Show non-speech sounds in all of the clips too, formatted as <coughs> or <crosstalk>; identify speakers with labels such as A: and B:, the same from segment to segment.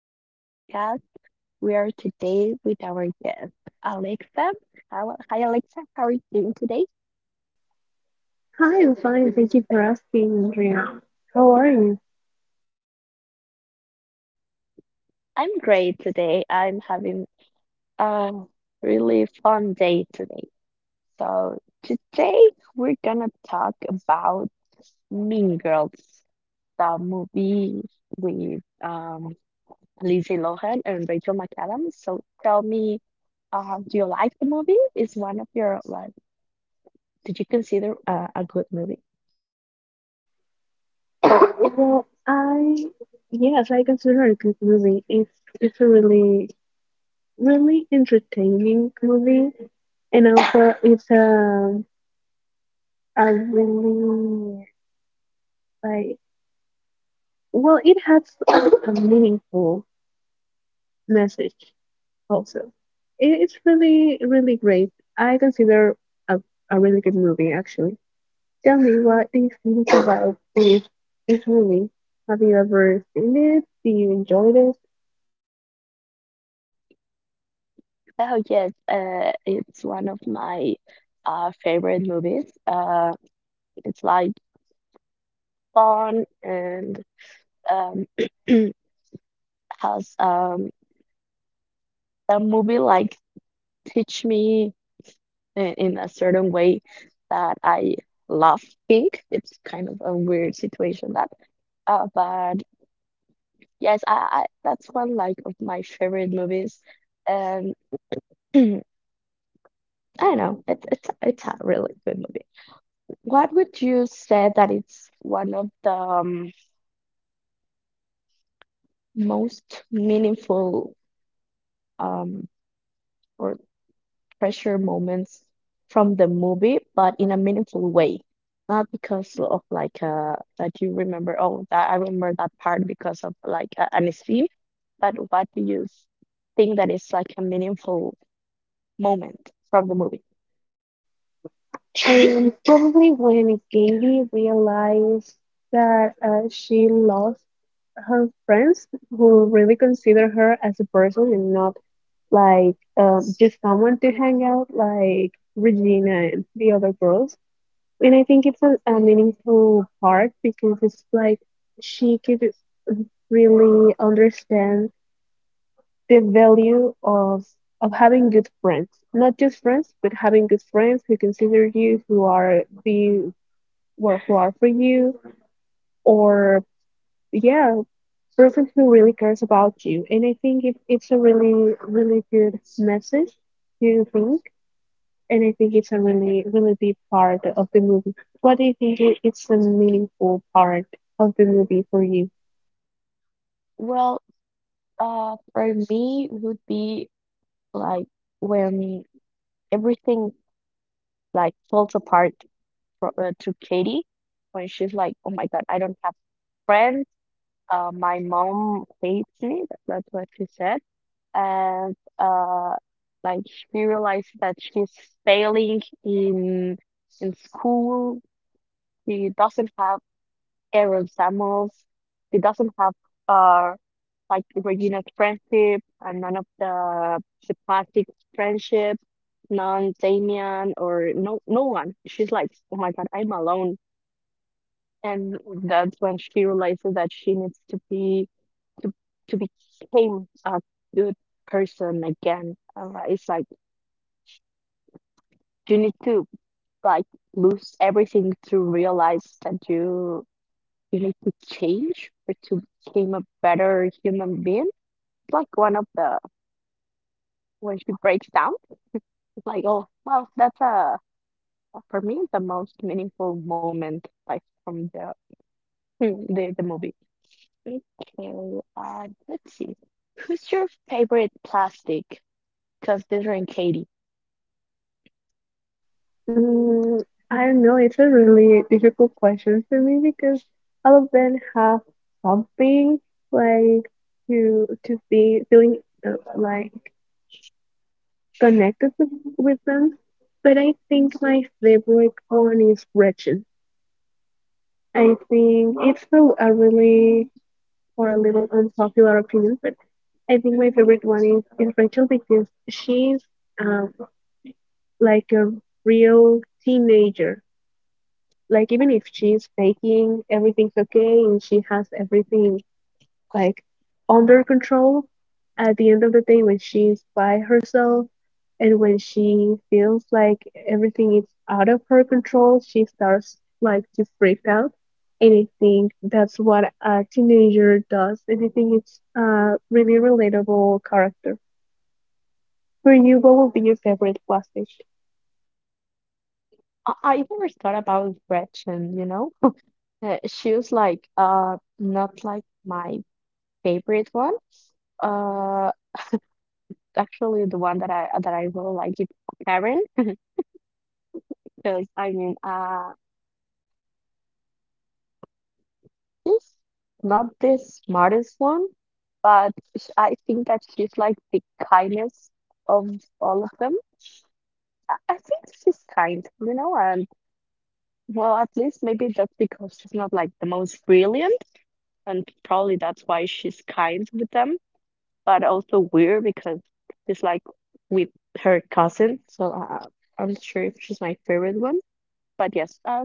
A: to our podcast. We are today with our guest, Alexa. Hi, Alexa. How are you doing today?
B: Hi, I'm fine. Thank you for asking, Andrea. How are you?
A: I'm great today. I'm having a really fun day today. So, today we're gonna talk about Mean Girls, the movie with Lindsay Lohan and Rachel McAdams. So, tell me, do you like the movie? Is one of your like Did you consider a good movie?
B: <coughs> Well, I yes, I consider it a good movie. It's a really entertaining movie, and also it's a really like it has a meaningful message also. It's really great. I consider a a really good movie actually. Tell me, what do you think about this movie? Have you ever seen it? Do you enjoy it?
A: Oh yes, it's one of my favorite movies. It's like fun and um, <clears throat> has a movie like teach me in a certain way that I love pink. It's kind of a weird situation that, but yes, I that's one like of my favorite movies, and <clears throat> I don't know. It's a really good movie. What would you say that it's one of the most meaningful um, or treasure moments from the movie, but in a meaningful way? Not because of like that you remember, oh, that I remember that part because of like an scene, but what do you think that is like a meaningful moment from the movie?
B: And probably when Gaby realized that she lost her friends who really consider her as a person and not just someone to hang out like Regina and the other girls. And I think it's a meaningful part because it's like she could really understand the value of having good friends, not just friends, but having good friends who consider you, who are who are for you, or yeah, person who really cares about you. And I think it's a really good message to think. And I think it's a really deep part of the movie. What do you think? It's a meaningful part of the movie for you?
A: Well, for me would be like when everything like falls apart fro to Katie when she's like, "Oh my God, I don't have friends. My mom hates me." That's what she said, and like she realized that she's failing in school. She doesn't have Aaron Samuels. She doesn't have uh like Regina's friendship and none of the plastic friendship, none Damien or no one. She's like, oh my God, I'm alone, and that's when she realizes that she needs to be to to become a good person again. It's like you need to like lose everything to realize that you need to change or to become a better human being. It's like one of the when she breaks down. It's like oh well, that's a for me the most meaningful moment like from the <laughs> the movie. Okay, let's see. Who's your favorite plastic? Considering Katie,
B: Mm, I don't know. It's a really difficult question for me because all of them have something like to be feeling like connected with them. But I think my favorite one is Gretchen. I think it's a really, or a little unpopular opinion, but I think my favorite one is Rachel because she's um, like a real teenager, like even if she's faking everything's okay and she has everything like under control, at the end of the day when she's by herself and when she feels like everything is out of her control, she starts like to freak out. And I think that's what a teenager does, and I think it's a really relatable character. For you, what would be your favorite plastic?
A: I never thought about Gretchen, you know? She was like, not like my favorite one. Uh, actually, the one that I really like is Karen, because I mean, she's not the smartest one, but I think that she's like the kindest of all of them. I think she's kind, and well, at least maybe that's because she's not like the most brilliant, and probably that's why she's kind with them, but also weird because she's like with her cousin. So I'm not sure if she's my favorite one, but yes,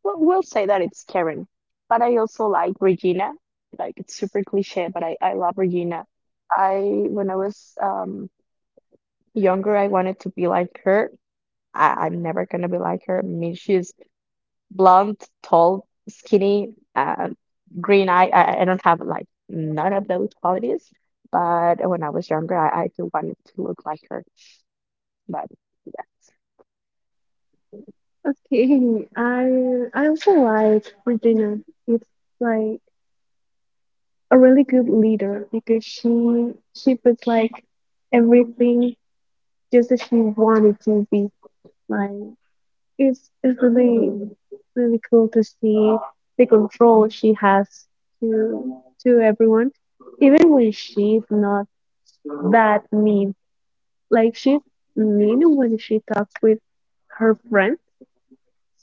A: we'll say that it's Karen. But I also like Regina. Like it's super cliche, but I love Regina. I when I was younger, I wanted to be like her. I'm never gonna be like her. I mean, she's blonde, tall, skinny, and green eye. I don't have like none of those qualities, but when I was younger, I do wanted to look like her. But yeah.
B: Okay, <laughs> I also like Regina. It's like a really good leader, because she was like everything just as she wanted to be. Like it's really cool to see the control she has to to everyone, even when she's not that mean. Like she's mean when she talks with her friends,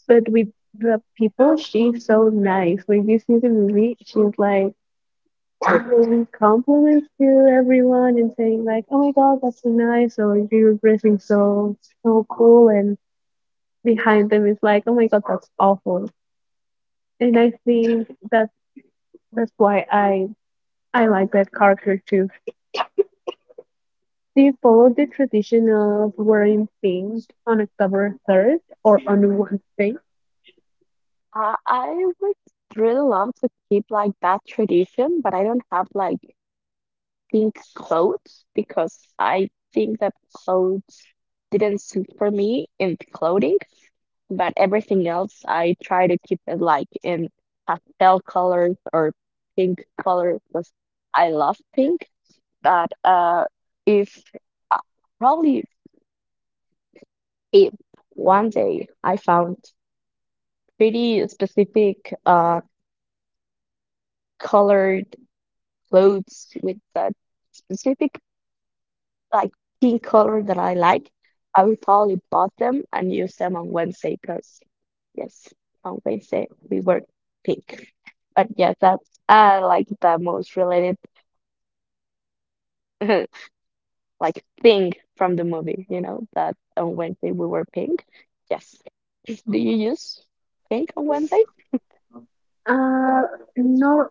B: but with the people she's so nice. When you see the movie, she's like giving compliments to everyone and saying like, "Oh my God, that's so nice," or "You're dressing so cool," and behind them is like, "Oh my God, that's awful." And I think that that's why I like that character too. Do you follow the tradition of wearing pink on October 3rd or on Wednesday?
A: I would really love to keep like that tradition, but I don't have like think clothes because I think that clothes didn't suit for me in clothing, but everything else I try to keep it like in pastel colors or pink colors because I love pink. But if uh, probably if one day I found pretty specific colored clothes with that specific like pink color that I like, I will probably bought them and use them on Wednesday because yes, on Wednesday we wear pink. But yeah, that's like the most related <laughs> like thing from the movie, you know, that on Wednesday we were pink. Yes. <laughs> Do you use pink on Wednesday?
B: Uh, no,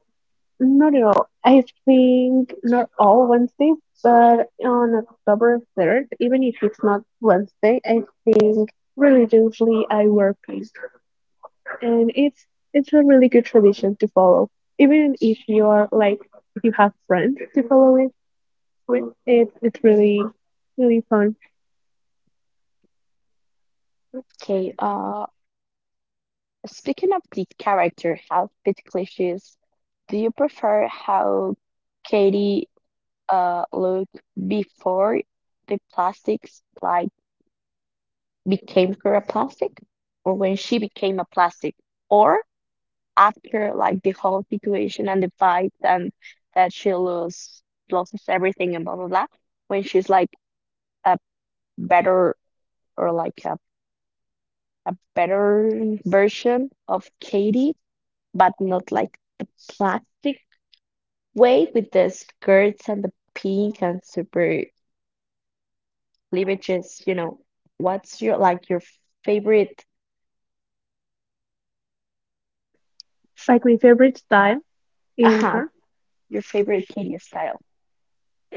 B: not at all. I think not all Wednesdays, but on October 3rd, even if it's not Wednesday, I think religiously I wear pink. And it's a really good tradition to follow. Even if you're like, if you have friends to follow it with, it's really fun.
A: Okay, speaking of the character, how bit cliches do you prefer how Katie look before the plastics like became her a plastic or when she became a plastic or after like the whole situation and the fight and that she loses everything and blah blah blah when she's like a better or like a better version of Katie but not like the plastic way with the skirts and the pink and super leverages, you know, what's your favorite
B: Like, my favorite style is—
A: uh-huh, your favorite Katie style?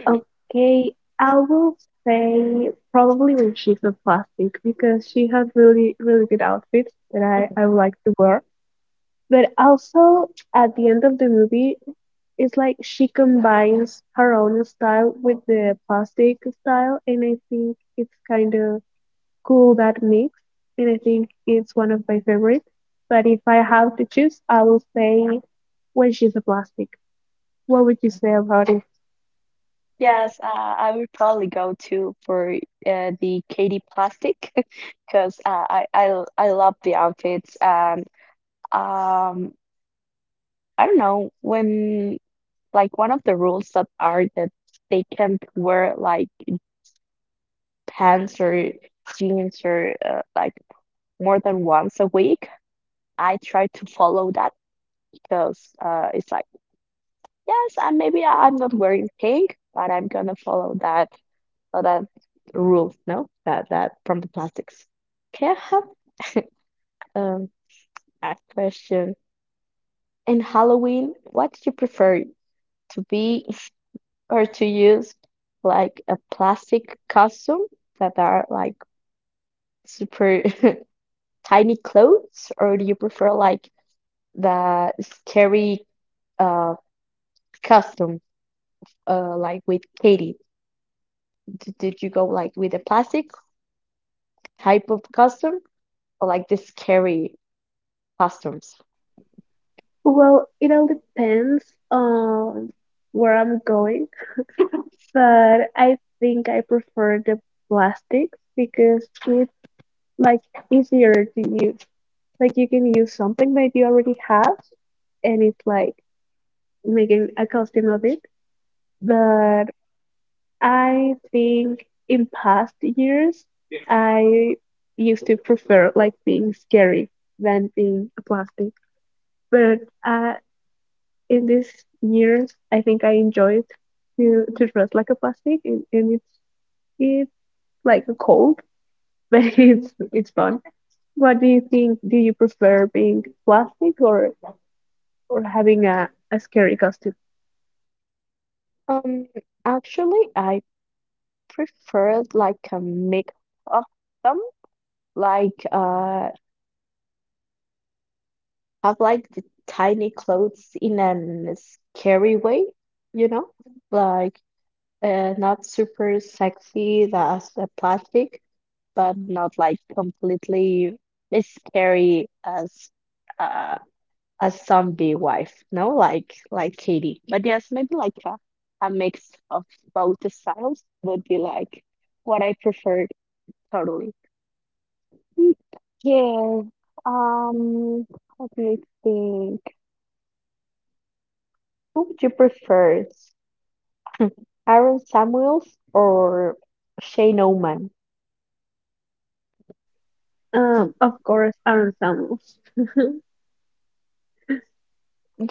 B: Okay, I will say probably when she's a plastic, because she has really good outfits that I would like to wear. But also at the end of the movie, it's like she combines her own style with the plastic style, and I think it's kind of cool, that mix. And I think it's one of my favorites. But if I have to choose, I will say when she's a plastic. What would you say about it?
A: Yes, I would probably go to for the Katy Plastic <laughs> because I love the outfits and um I don't know when like one of the rules that they can't wear like pants or jeans or like more than once a week. I try to follow that because it's like yes, and maybe I'm not wearing pink, but I'm gonna follow that so that rule, no, that from the plastics. Can I have um, a question? In Halloween, what do you prefer to be <laughs> or to use like a plastic costume that are like super <laughs> tiny clothes, or do you prefer like the scary uh costume like with Katie? D did you go like with a plastic type of costume or like the scary costumes?
B: Well, it all depends on where I'm going, but I think I prefer the plastics because it's like easier to use. Like, you can use something that you already have and it's like making a costume of it. But I think in past years I used to prefer like being scary than being a plastic. But uh, in these years, I think I enjoyed to dress like a plastic, and it's like a cold, but <laughs> it's fun. What do you think? Do you prefer being plastic or having a scary costume?
A: Um, actually, I preferred like a mix of them, like have like the tiny clothes in an scary way, you know, like not super sexy as a plastic, but not like completely as scary as uh, a zombie wife, no? Like Katie. But yes, maybe like a mix of both the styles would be like what I prefer totally. Mm, yeah. Um, let me think. Who would you prefer? <laughs> Aaron Samuels or Shane Oman?
B: Of course, Aaron Samuels.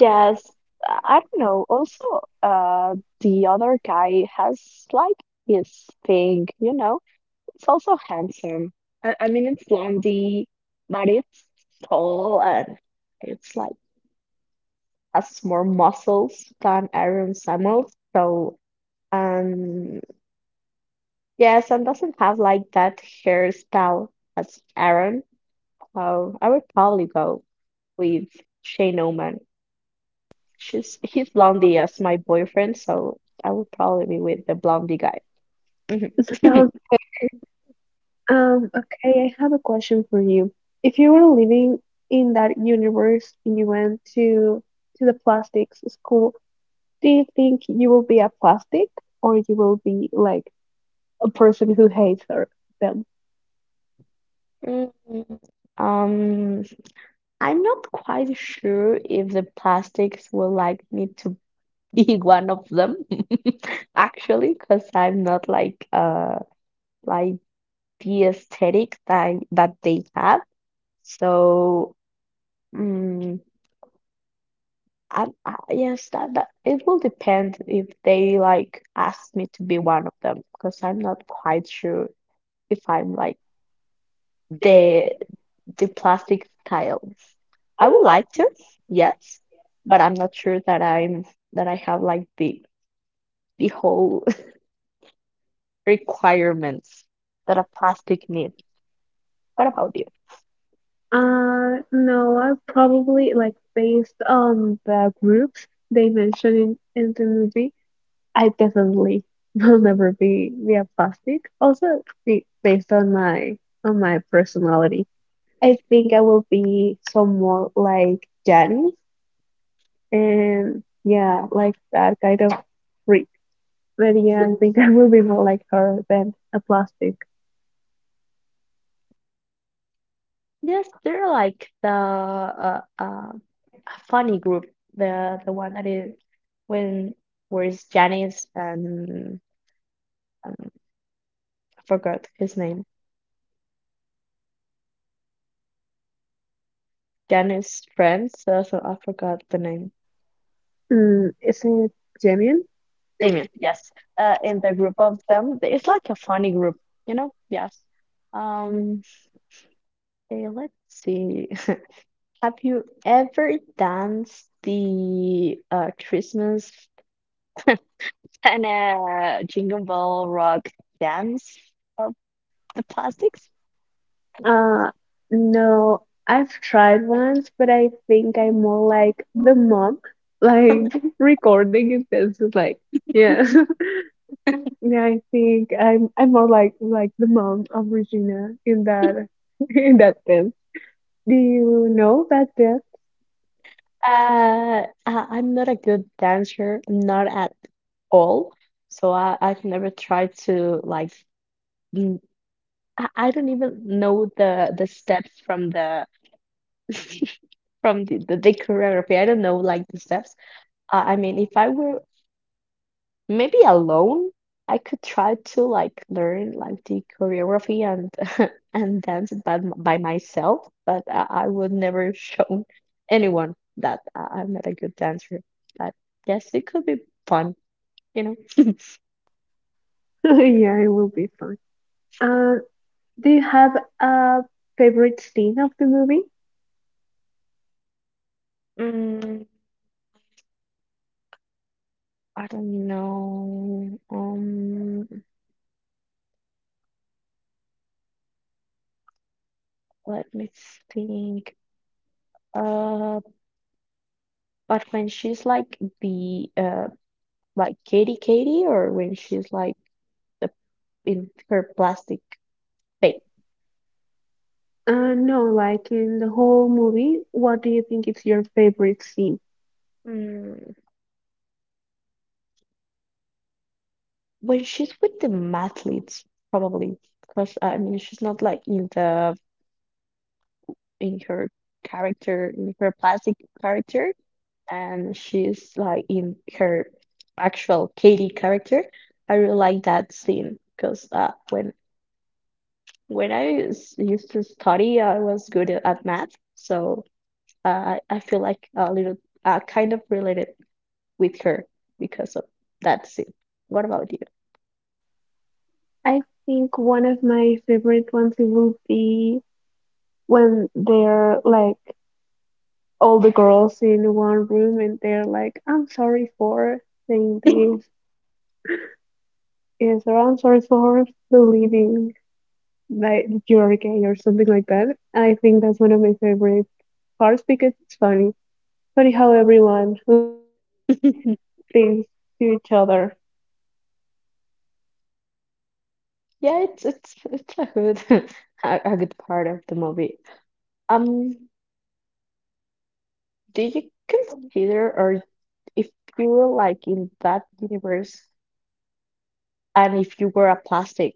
B: Yeah.
A: I don't know. Also,
B: Uh,
A: uh, the
B: the other.
A: other guy has like his thing, you know. It's also handsome. I mean, it's blondie, but it's tall and it's like has more muscles than Aaron Samuels. So, um, yes, and doesn't have like that hairstyle as Aaron. So I would probably go with Shane Oman. She's he's blondie as my boyfriend, so I would probably be with the blondie guy.
B: <laughs>
A: Mhm. <laughs>
B: Okay. Okay, I have a question for you. If you were living in that universe and you went to the plastics school, do you think you will be a plastic, or you will be like a person who hates her them?
A: Mm, Um, I'm not quite sure if the plastics will like me to be <laughs> one of them, <laughs> actually, because I'm not like like the aesthetic that they have. So, mm, I yes, that it will depend if they like ask me to be one of them, because I'm not quite sure if I'm like the the plastic tiles. I would like to, yes, but I'm not sure that I have like the whole <laughs> requirements that a plastic needs. What about you?
B: No, I probably like based on the groups they mentioned in the movie, I definitely <laughs> will never be a plastic. Also, be, based on my personality, I think I will be somewhat like Janice, and yeah, like that kind of freak. But yeah, I think <laughs> I will be more like her than a plastic.
A: Yes, they're like the a funny group, the one that is when where's Janice and um, I forgot his name. Janice friends, so I forgot the name.
B: Mm, is it genuine?
A: Damien, yes. In the group of them, it's like a funny group, you know? Yes. Um, okay, let's see. <laughs> Have you ever danced the Christmas and Jingle Bell Rock dance of the plastics?
B: Uh, no, I've tried once, but I think I'm more like the mom, like <laughs> recording it. This like, yeah, <laughs> yeah. I think I'm more like the mom of Regina in that <laughs> in that sense. Do you know that depth? <laughs>
A: I'm not a good dancer, not at all. So I've never tried to like. mm, I don't even know the steps from the <laughs> from the choreography, I don't know like the steps. I mean, if I were maybe alone, I could try to like learn like the choreography and <laughs> and dance by myself, but I would never <laughs> show anyone that I'm not a good dancer. But yes, it could be fun, you know. <laughs>
B: Yeah, it will be fun. Uh, do you have a favorite scene of the movie?
A: Mm, I don't know. Let me think. Uh, but when she's like the like Katy or when she's like the, in her plastic face.
B: No, like in the whole movie, what do you think is your favorite scene?
A: Mm. When she's with the mathletes, probably because I mean she's not like in her character in her plastic character, and she's like in her actual Katy character. I really like that scene because when I used to study, I was good at math, so I feel like a little kind of related with her because of that's it. What about
B: I think one of my favorite ones it will be when they're like all the girls in one room and they're like, "I'm sorry for saying this," yes, or "I'm sorry for believing that you're gay," or something like that. I think that's one of my favorite parts because it's funny. Funny how everyone <laughs> like say
A: you?
B: things to each other.
A: <laughs> yeah, it's a good <laughs> a good part of the movie. Um, do you consider or if you were like in that universe and if you were a plastic,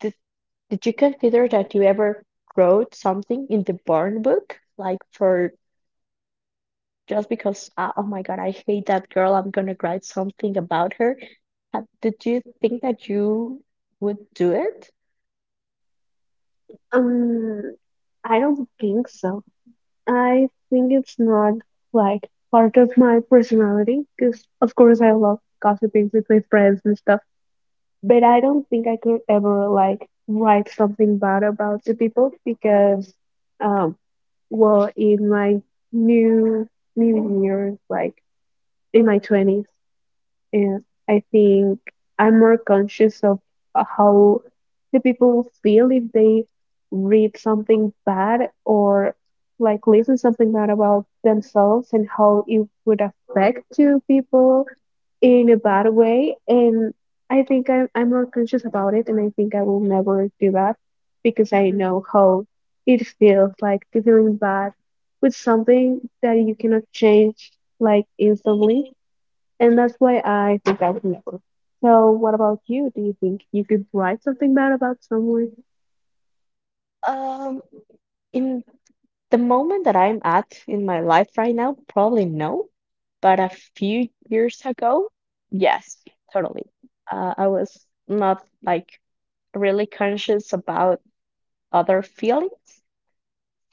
A: did did you consider that you ever wrote something in the burn book? Like for just because, oh my God, I hate that girl, I'm gonna write something about her. Did you think that you would do it?
B: Um, I don't think so. I think it's not like part of my personality because, of course, I love gossiping with my friends and stuff, but I don't think I could ever like write something bad about the people because, um, well, in my new new years, like in my 20s, and I think I'm more conscious of how the people feel if they read something bad or like listen something bad about themselves and how it would affect two people in a bad way. And I think I'm more conscious about it, and I think I will never do that because I know how it feels like to feeling bad with something that you cannot change like instantly, and that's why I think I would never. So, what about you? Do you think you could write something bad about someone?
A: Um, in the moment that I'm at in my life right now, probably no, but a few years ago, yes, totally. I was not like really conscious about other feelings.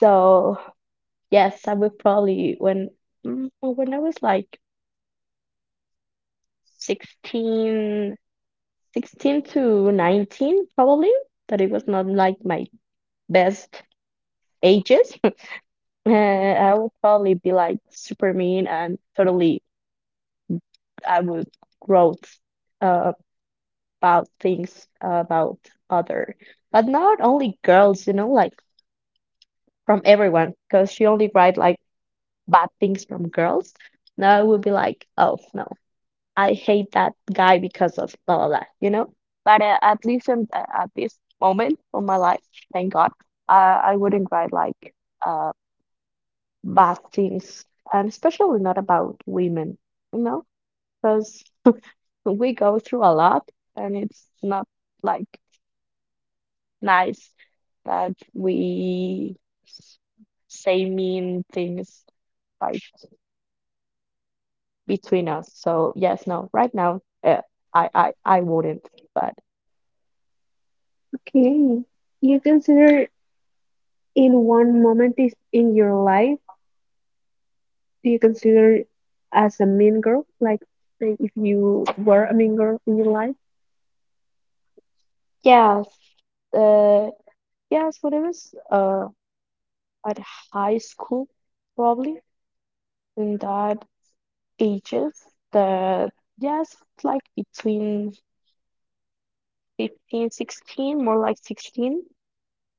A: So yes, I would probably well, when I was like 16, 16 to 19 probably, that it was not like my best ages. <laughs> I would probably be like super mean and totally I would gloat uh, about things about other, but not only girls, like from everyone, because she only write like bad things from girls. Now I would be like, oh no, I hate that guy because of blah blah blah. But at least at this moment of my life, thank God, I wouldn't write like. Uh, Bad things, and especially not about women, you know, because we go through a lot and it's not like nice that we s- say mean things like between us. So yes, no, right now, I wouldn't. But
B: Okay. You consider in one moment is in your life, do you consider as a mean girl? Like, say if you were a mean girl in your life?
A: yeah, uh, yes, when it was at high school, probably in that ages, the yes, like between 15 16, more like 16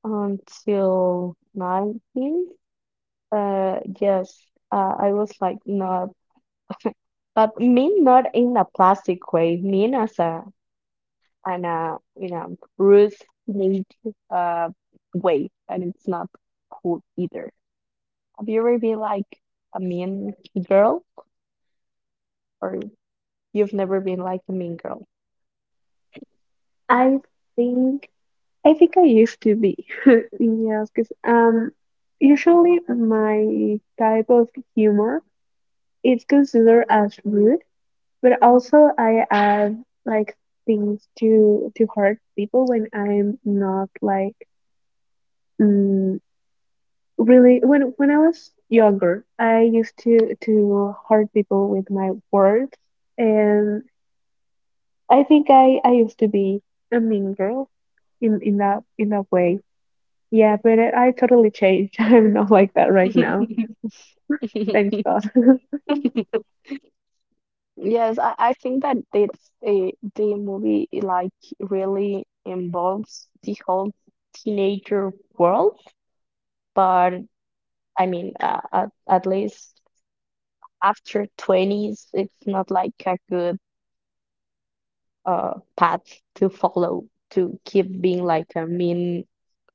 A: until 19. Yes, I was like not, but mean not in a plastic way, mean as in a rude, neat, uh, way, and it's not cool either. Have you ever been like a mean girl, or you've never been like a mean girl?
B: I think I think I used to be. <laughs> Yes, because usually my type of humor it's considered as rude, but also I add like things to hurt people when I'm not like mm, really when I was younger, I used to hurt people with my words, and I think I used to be a mean girl in that in that way. Yeah, but I totally changed. <laughs> I'm not like that right now. Thanks God. <laughs>
A: <laughs> Yes, I think that it's the movie like really involves the whole teenager world, but I mean, at least after 20s, it's not like a good path to follow to keep being like a mean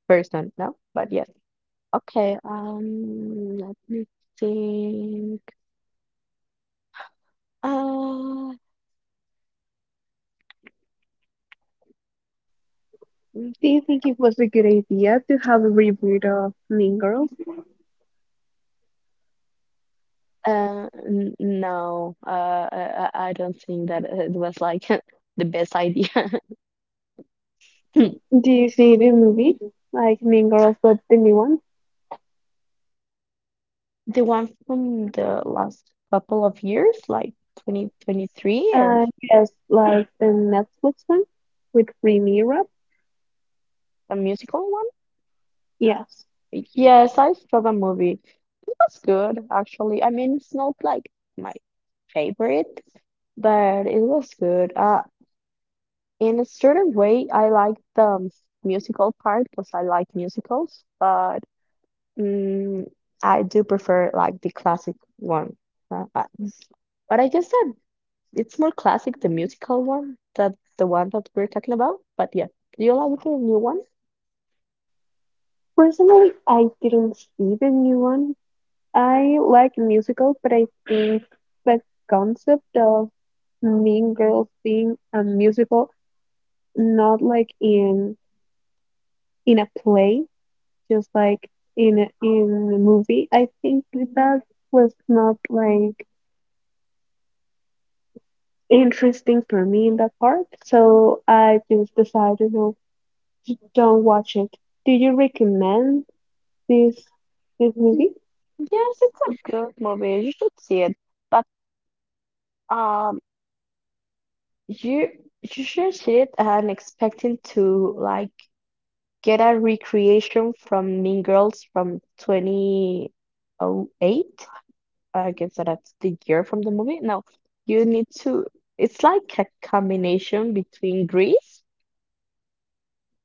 A: person, no? But yes. Okay, let me think. Uh,
B: Do you think it was a good idea to have a reboot of Mean Girls?
A: No, I don't think that it was like <laughs> the best idea. <laughs>
B: Do you see the series movie? Like Mean Girls, but the new one?
A: The one from the last couple of years, like 2023 or
B: Yes, like the Netflix one with Remy Rap.
A: a musical one.
B: Yes.
A: Yes, I saw the movie. It was good, actually. I mean, it's not like my favorite, but it was good. In a certain way, I like the musical part because I like musicals, but Mm, I do prefer like the classic one. Uh, uh, but I guess that it's more classic, the musical one, that the one that we're talking about. But yeah, do you like the new one?
B: Personally, I didn't see the new one. I like musicals, but I think the concept of Mean Girls being a musical, not like in a play, just like in a movie. I think that was not like interesting for me in that part, so I just decided no, to don't watch it. Do you recommend this this movie?
A: Yes, it's a good movie. You should see it. But um, You you should see it and expecting to like get a recreation from Mean Girls from 2008. I guess that's the year from the movie. No, you need to. It's like a combination between Grease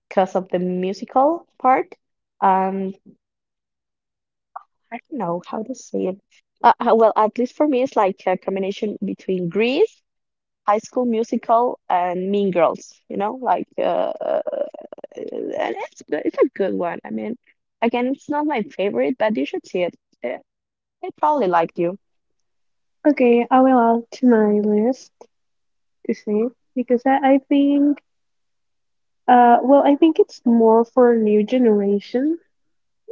A: because of the musical part. Um, I don't know how to say it. Well, at least for me, it's like a combination between Grease, High School Musical, and Mean Girls. You know, like. Uh, and it's good. It's a good one. I mean, again, it's not my favorite, but you should see it. Uh, It probably liked you.
B: Okay, I will add to my list to see, because I think well I think it's more for a new generation,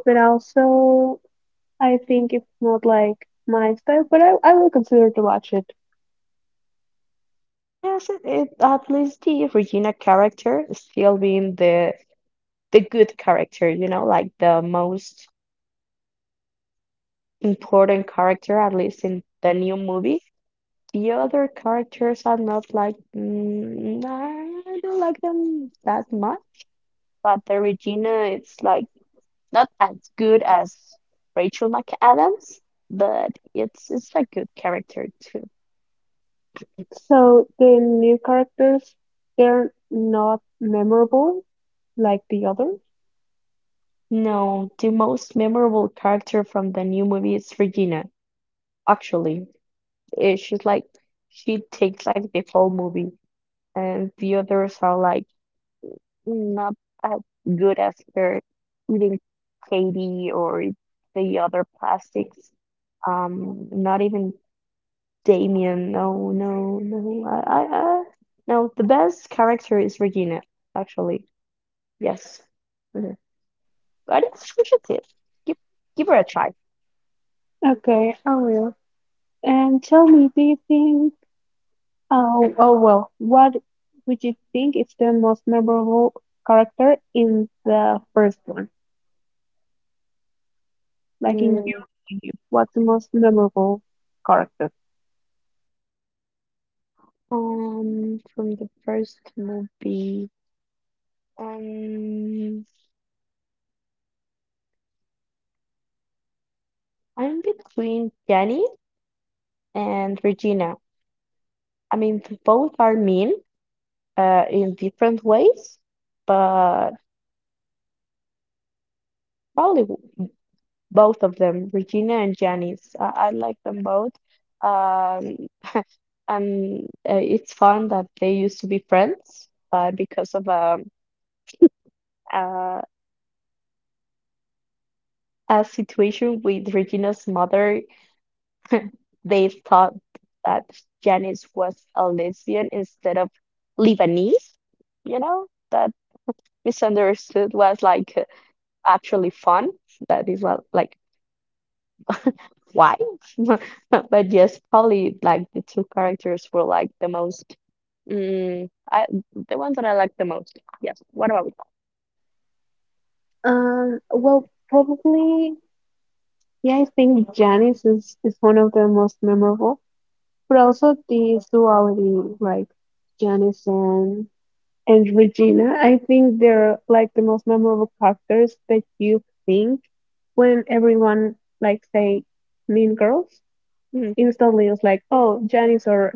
B: but also I think it's not like my style, but I will consider to watch it.
A: Yes, it at least the Regina character is still being the good character, like the most important character, at least in the new movie. The other characters are not like nah, I don't like them that much, but the Regina, it's like not as good as Rachel McAdams, but it's a good character too.
B: So the new characters, they're not memorable like the others.
A: No, the most memorable character from the new movie is Regina. Actually, she's like she takes like the whole movie, and the others are like not as good as her, even Katie or the other plastics. Not even Damien. No, no, no. No, the best character is Regina, actually. Yes. Mhm. I think we should give, give give her a try.
B: Okay, I will. And tell me, do you think, oh, oh well, what would you think is the most memorable character in the first one? Like, in
A: Mm,
B: your opinion, what's the most memorable character?
A: from the first movie, um, I'm between Jenny and Regina. I mean, both are mean, in different ways, but probably both of them, Regina and Janice. I like them both. Um, <laughs> and it's fun that they used to be friends, but because of a, a situation with Regina's mother, they thought that Janice was a lesbian instead of Lebanese. You know, that misunderstood was like actually fun. That is what, like why? <laughs> But yes, probably like the two characters were like the most mm, I the ones that I like the most. Yes. What about
B: Well, probably, yeah, I think Janice is one of the most memorable, but also this duality, like Janice and Regina, I think they're like the most memorable characters that you think when everyone like say Mean Girls
A: you?
B: instantly. It's like, oh, Janice or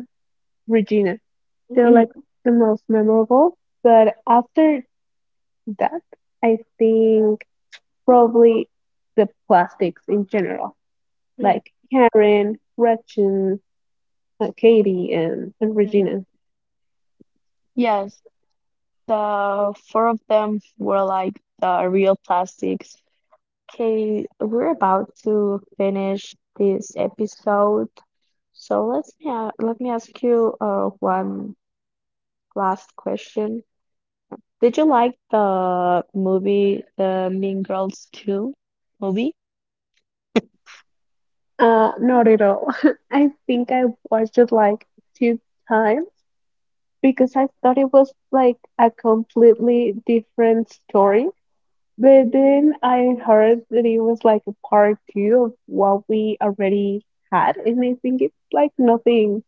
B: Regina.
A: Hmm.
B: They're like the most memorable. But after that, I think probably the plastics in general,
A: Hmm.
B: like Karen, Gretchen, Katie, and Regina.
A: Yes, the four of them were like the real plastics. Okay, we're about to finish this episode. So let me ask you one last question. Did you like the movie, the Mean Girls 2 movie?
B: Not at all. <laughs> I think I watched it like two times because I thought it was like a completely different story. But then I heard that it was like a part two of what we already had, and I think it's like nothing,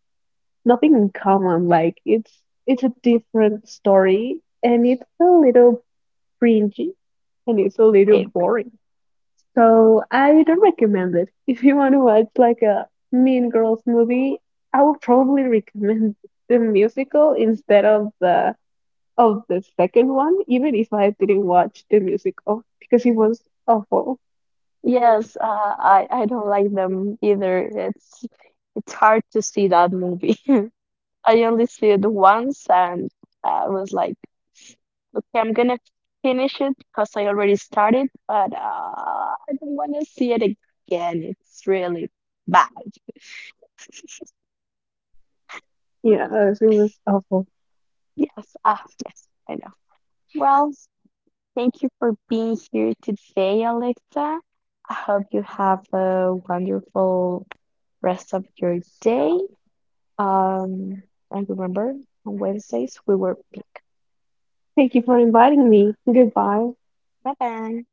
B: nothing in common. Like it's a different story, and it's a little cringy, and it's a little
A: It,
B: boring. So I don't recommend it. <laughs> If you want to watch like a Mean Girls movie, I would probably <laughs> recommend the musical instead of the second one, even if I didn't watch the music of, because it was awful.
A: yes, I don't like them either. It's hard to see that movie. <laughs> I only see it once, and I was like, okay, I'm gonna finish it because I already started, but I don't want to see it again. It's really bad. <laughs>
B: Yeah, it was awful.
A: Yes, yes, I know. Well. Thank you for being here today, Alexa. I hope you have a wonderful rest of your day. Um, and remember, on Wednesdays we were.
B: Thank you for inviting me. Goodbye.
A: Bye bye.